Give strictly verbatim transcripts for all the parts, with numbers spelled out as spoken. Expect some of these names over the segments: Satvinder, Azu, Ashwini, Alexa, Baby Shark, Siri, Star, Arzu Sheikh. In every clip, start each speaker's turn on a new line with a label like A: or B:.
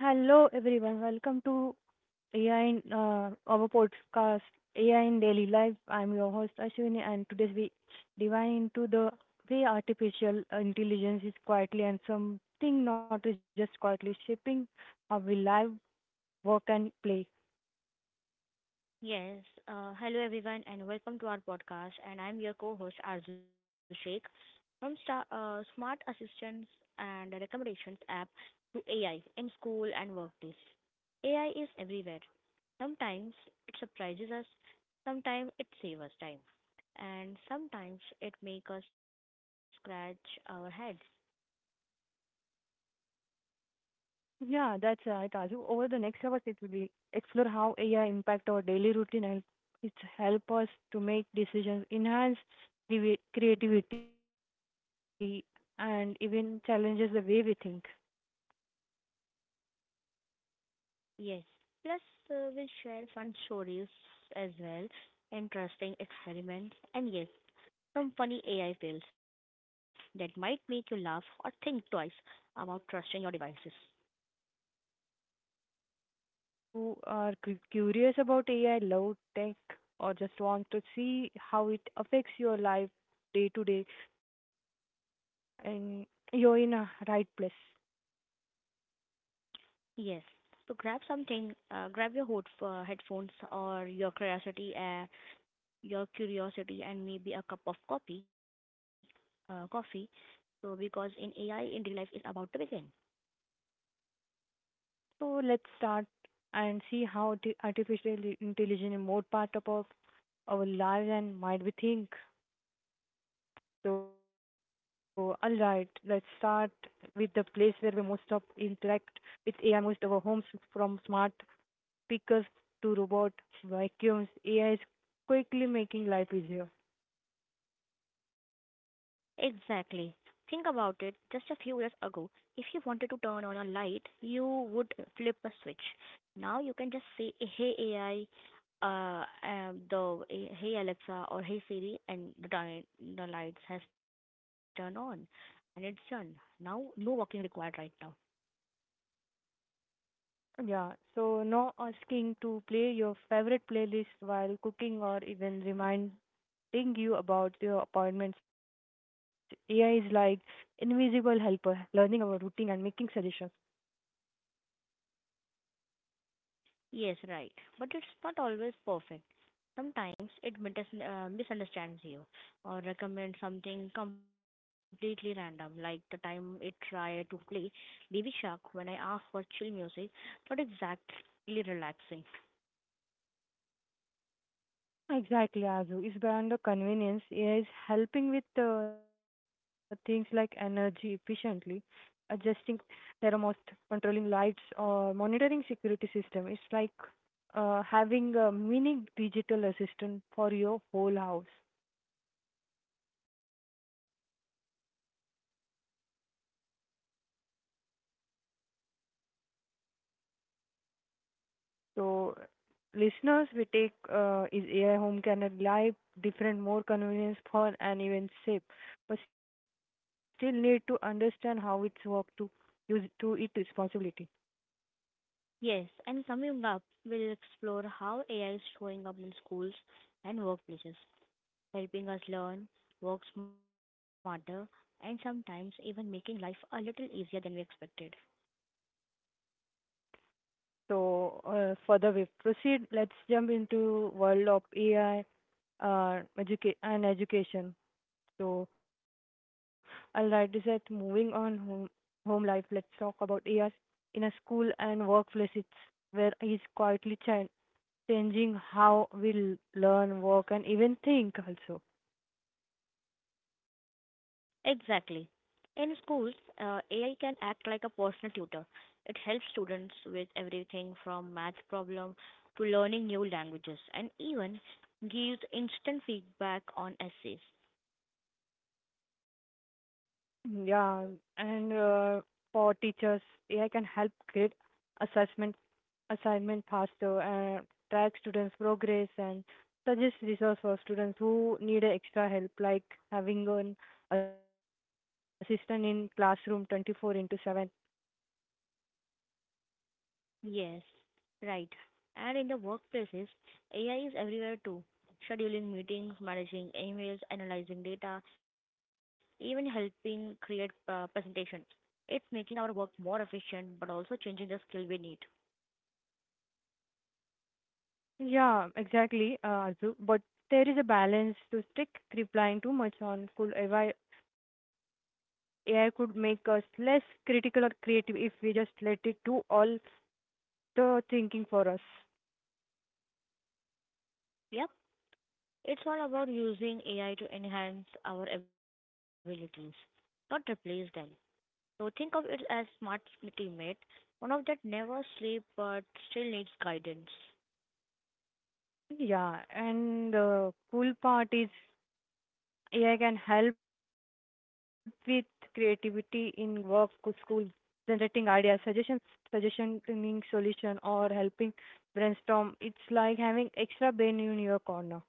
A: Hello everyone, welcome to A I in uh, our podcast A I in Daily Life. I'm your host Ashwini, and today we dive into the way artificial intelligence is quietly and something not just quietly shaping how we live, work, and play.
B: Yes. Uh, hello, everyone, and welcome to our podcast. And I'm your co-host Arzu Sheikh from Star, uh, Smart Assistance and Recommendations app to A I in school and workplace. A I is everywhere. Sometimes it surprises us, sometimes it saves us time, and sometimes it makes us scratch our heads.
A: Yeah, that's right, Azu. Over the next hours, it will be explore how A I impact our daily routine and it help us to make decisions, enhance creavi- creativity, and even challenges the way we think.
B: Yes. Plus, uh, we'll share fun stories as well, interesting experiments, and yes, some funny A I fails that might make you laugh or think twice about trusting your devices.
A: So whether you are cu- curious about A I, love tech, or just want to see how it affects your life day to day, and you're in a right place.
B: Yes. So grab something, uh, grab your hood, uh, headphones or your curiosity, uh, your curiosity, and maybe a cup of coffee. Uh, coffee. So because in A I in daily life is about to begin.
A: So let's start and see how arti- artificial intelligence is more part of our our lives and might we think. So all right, let's start with the place where we most of interact with A I. Most of our homes, from smart speakers to robot vacuums, A I is quickly making life easier.
B: Exactly. Think about it. Just a few years ago, if you wanted to turn on a light, you would flip a switch. Now you can just say, "Hey A I, uh, um, the Hey Alexa or Hey Siri," and the di- the lights has turned on, and it's done. Now, no walking required right now.
A: Yeah, so no asking to play your favorite playlist while cooking or even reminding you about your appointments. A I is like invisible helper, learning our routine and making suggestions.
B: Yes, right. But it's not always perfect. Sometimes it mitas- uh, misunderstands you or recommends something completely random, like the time it tried to play Baby Shark when I asked for chill music, not exactly relaxing.
A: Exactly, Azu. It's beyond the convenience. A I is helping with uh, things like energy efficiently, adjusting thermostat, controlling lights, or monitoring security system. It's like uh, having a mini digital assistant for your whole house. So, listeners, we take uh, is A I home can rely different, more convenience, fun, and even safe, but still need to understand how it's work to use to it responsibility.
B: Yes, and coming up, we'll explore how A I is showing up in schools and workplaces, helping us learn, work smarter, and sometimes even making life a little easier than we expected.
A: So, uh, further we proceed, let's jump into world of A I uh, educa- and education. So, all right, is that moving on home, home life, let's talk about A I in a school and workplace. It's where is quietly chan changing how we l- learn, work, and even think also.
B: Exactly. In schools, uh, A I can act like a personal tutor. It helps students with everything from math problem to learning new languages and even gives instant feedback on essays.
A: Yeah, and uh, for teachers, A I can help create assessment assignment faster and track students' progress and suggest resource for students who need a extra help, like having an assistant in classroom twenty-four into seven.
B: Yes, right. And in the workplaces, A I is everywhere too. Scheduling meetings, managing emails, analyzing data, even helping create uh, presentations. It's making our work more efficient but also changing the skill we need.
A: Yeah, exactly, uh, Arzu. But there is a balance to stick replying too much on could A I, A I could make us less critical or creative if we just let it do all the thinking for us.
B: Yep. It's all about using A I to enhance our abilities, not replace them. So think of it as smart teammate, one of that never sleep but still needs guidance.
A: Yeah, and the cool part is A I can help with creativity in work, co- school, generating ideas, suggestions, suggestioning solution, or helping brainstorm. It's like having extra brain in your corner.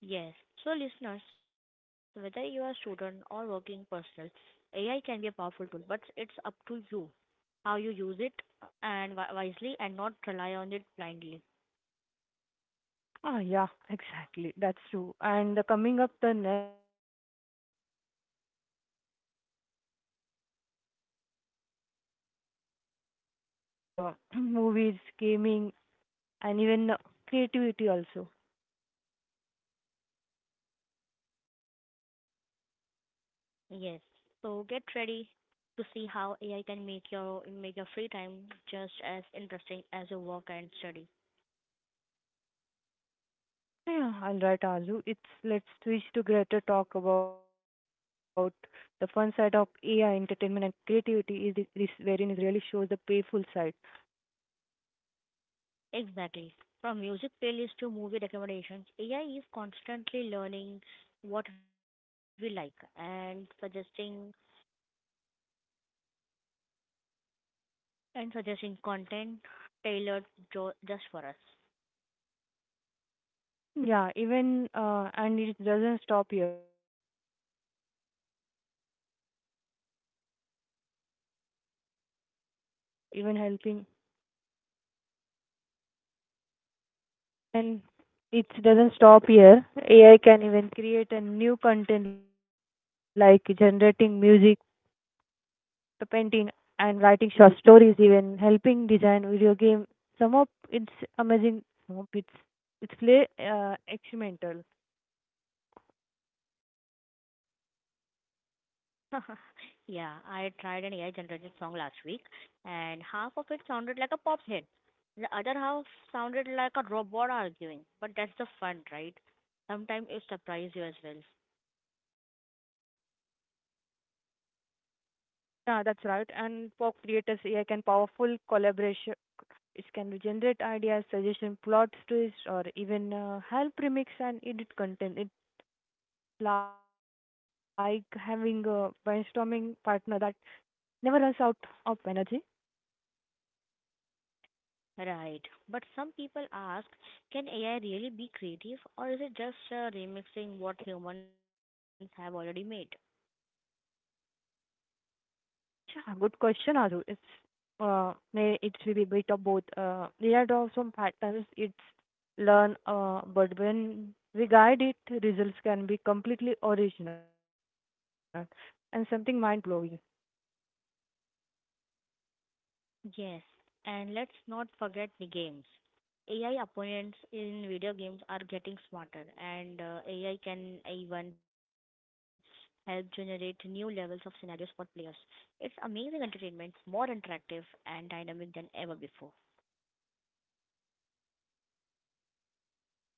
B: Yes. So listeners, whether you are a student or working personal, A I can be a powerful tool, but it's up to you how you use it and wi- wisely and not rely on it blindly.
A: Ah, yeah, exactly. That's true. And the coming up the next, we will be uh, explore new A I is making entertainment smarter from music and uh, movies, gaming, and even creativity also.
B: Yes. So get ready to see how A I can make your make your free time just as interesting as your work and study.
A: Yeah, all right, Azu. It's let's switch to Greta talk about the fun side of A I entertainment and creativity is this, this wherein is really shows the payful side.
B: Exactly. From music playlists to movie recommendations, A I is constantly learning what we like and suggesting and suggesting content tailored jo- just for us.
A: Yeah, even uh, and it doesn't stop here. A I can create a new content like generating music, painting, art, writing short stories, or even helping. And it doesn't stop here. A I can even create a new content like generating music the painting and writing short stories, even helping design video game. Some of it's amazing, some of it's it's play uh, experimental.
B: Yeah, I tried an A I generated song last week and half of it sounded like a pop hit. The other half sounded like a robot arguing. But that's the fun, right? Sometimes it surprises you as well.
A: Yeah, that's right. And for creators, A I can powerful collaboration. It can generate ideas, suggestion, plot twists, or even uh, help remix and edit content. It's like having a brainstorming partner that never runs out of energy.
B: Right. But some people ask, can A I really be creative or is it just uh, remixing what humans have already made?
A: Yeah, good question, Azu. It's uh, may it will be bit of both. Uh, there are some patterns it's learn, uh, but when we guide it, results can be completely original and something mind blowing.
B: Yes, and let's not forget the games. A I opponents in video games are getting smarter, and uh, A I can even help generate new levels of scenarios for players. It's amazing entertainment, more interactive and dynamic than ever before.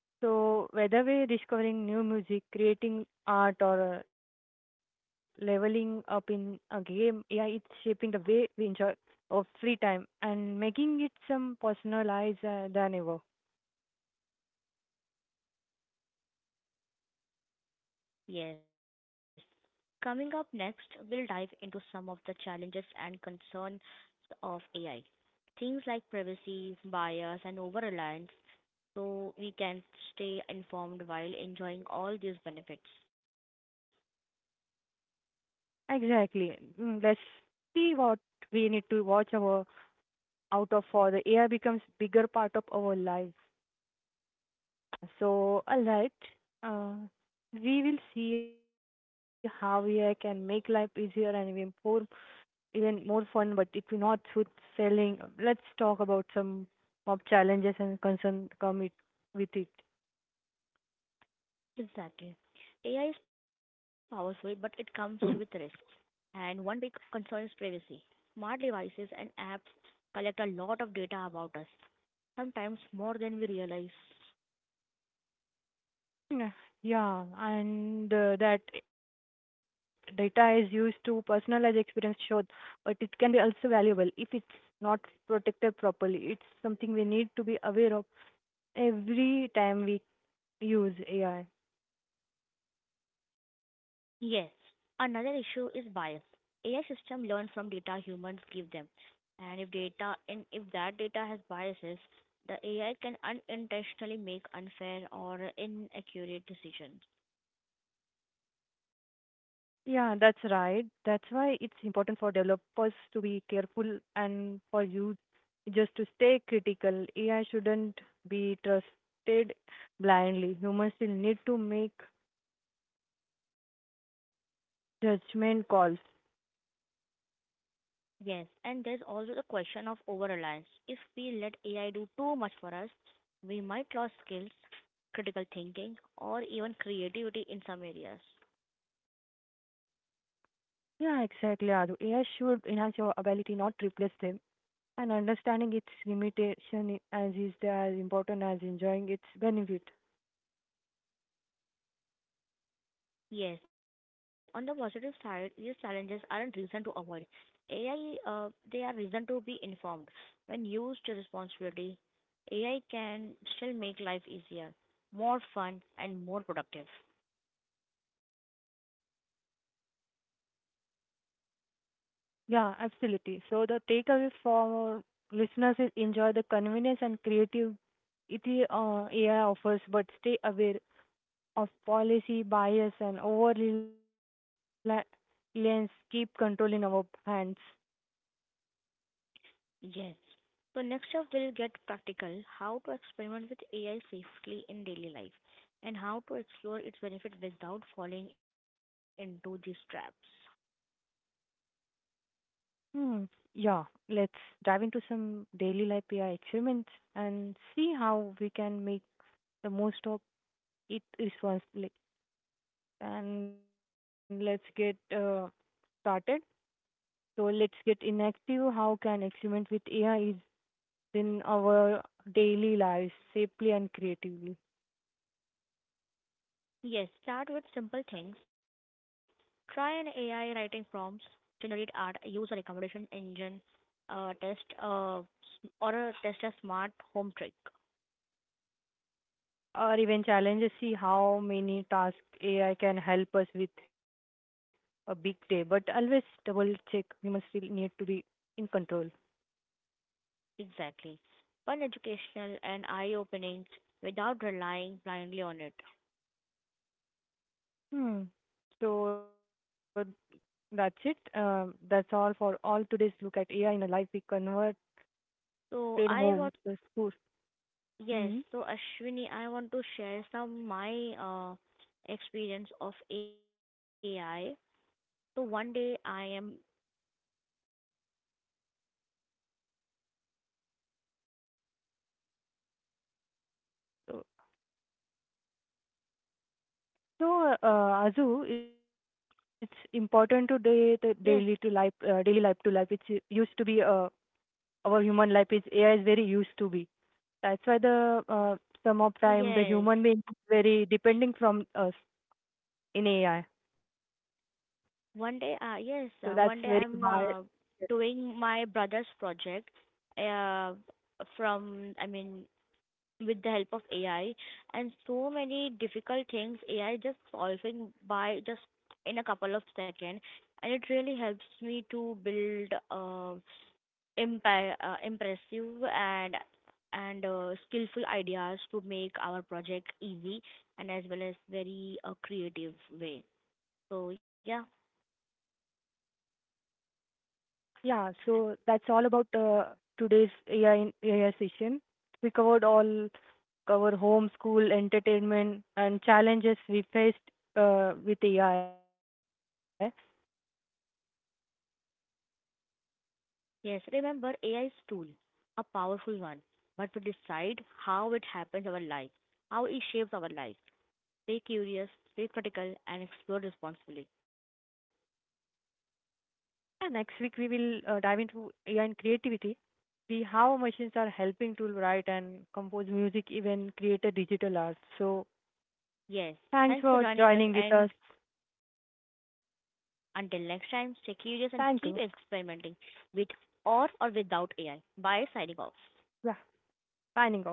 A: So whether we're discovering new music, creating art, or uh, leveling up in a game, A I is shaping the way we enjoy our free time and making it some personalized uh, than ever.
B: Yes. Coming up next, we'll dive into some of the challenges and concerns of A I. Things like privacy, bias, and over reliance so we can stay informed while enjoying all these benefits.
A: Exactly. Mm, let's see what we need to watch our out of for the A I becomes bigger part of our life. So, all right. Uh, we will see how A I can make life easier and even more, even more fun, but it will not with selling. Let's talk about some of challenges and concern come it, with it.
B: Exactly. A I is powerful, but it comes with risks, and one big concern is privacy. Smart devices and apps collect a lot of data about us, sometimes more than we realize.
A: Mm, Yeah, and uh, that data is used to personalize experience sure, but it can be also valuable if it's not protected properly. It's something we need to be aware of every time we use A I.
B: Yes. Another issue is bias. A I system learn from data humans give them. And if data and if that data has biases, the A I can unintentionally make unfair or inaccurate decisions.
A: Yeah, that's right. That's why it's important for developers to be careful and for you just to stay critical. A I shouldn't be trusted blindly. Humans still need to make judgment calls.
B: Yes, and there's also the question of over reliance. If we let A I do too much for us, we might lose skills, critical thinking, or even creativity in some areas.
A: Yeah, exactly, Adu. A I should enhance your ability, not replace them. And understanding its limitation I- as is the- as important as enjoying its benefit.
B: Yes, on the positive side, these challenges aren't reason to avoid. A I, uh, they are reason to be informed. When used responsibly, A I can still make life easier, more fun, and more productive.
A: Yeah, absolutely. So the takeaway for listeners is enjoy the convenience and creativity uh, A I offers, but stay aware of policy bias and over reliance. Keep control in our hands.
B: Yes. So next up, we'll get practical: how to experiment with A I safely in daily life, and how to explore its benefit without falling into these traps.
A: Hmm. Yeah, let's dive into some daily life A I experiments and see how we can make the most of it responsibly. And let's get uh, started. So let's get in active. How can experiment with A I is in our daily lives safely and creatively?
B: Yes, start with simple things. Try an A I writing prompts, generate art, use a recommendation engine, uh, test uh, s- or a test a smart home trick.
A: Or even challenges. See how many tasks A I can help us with a big day. But always double check. Humans still need to be in control.
B: Exactly. Fun, educational, and eye-opening without relying blindly on it.
A: Hmm. So that's it. Um, that's all for all today's look at A I in a life we converted
B: So I
A: home,
B: want
A: the school.
B: Yes.
A: Hmm.
B: So Ashwini, I want to share some my uh, experience of A I. So one day I am
A: So, so uh, Azu, it's important today the daily to life, uh,
B: Yes,
A: daily life to life. It's u- used to be uh, our human life is A I is very used to be. That's why the uh, some of time the
B: yes.
A: human being is very depending from us in A I. So
B: One
A: that's
B: day, uh,
A: very
B: yes, uh,
A: bad.
B: one day I'm uh, doing my brother's project uh, from, I mean, with the help of A I, and so many difficult things A I just solving by just in a couple of seconds, and it really helps me to build uh, impa- uh, impressive and and uh, skillful ideas to make our project easy and as well as very uh, creative way. So yeah.
A: Yeah, so that's all about uh, today's A I in A I session. We covered all cover home, school, entertainment, and challenges we faced uh, with A I.
B: Yes, remember A I is tool, a powerful one, but we decide how it happens our life, how it shapes our life. Stay curious, stay critical, and explore responsibly.
A: And next week we will uh, dive into A I in creativity. See how machines are helping to write and compose music, even create a digital art. So
B: Yes,
A: thanks for
B: thanks for
A: joining
B: joining us,
A: with us.
B: and until next time, stay
A: Thank you.
B: curious and keep experimenting with or or without A I. Bye, signing off.
A: Yeah, signing off.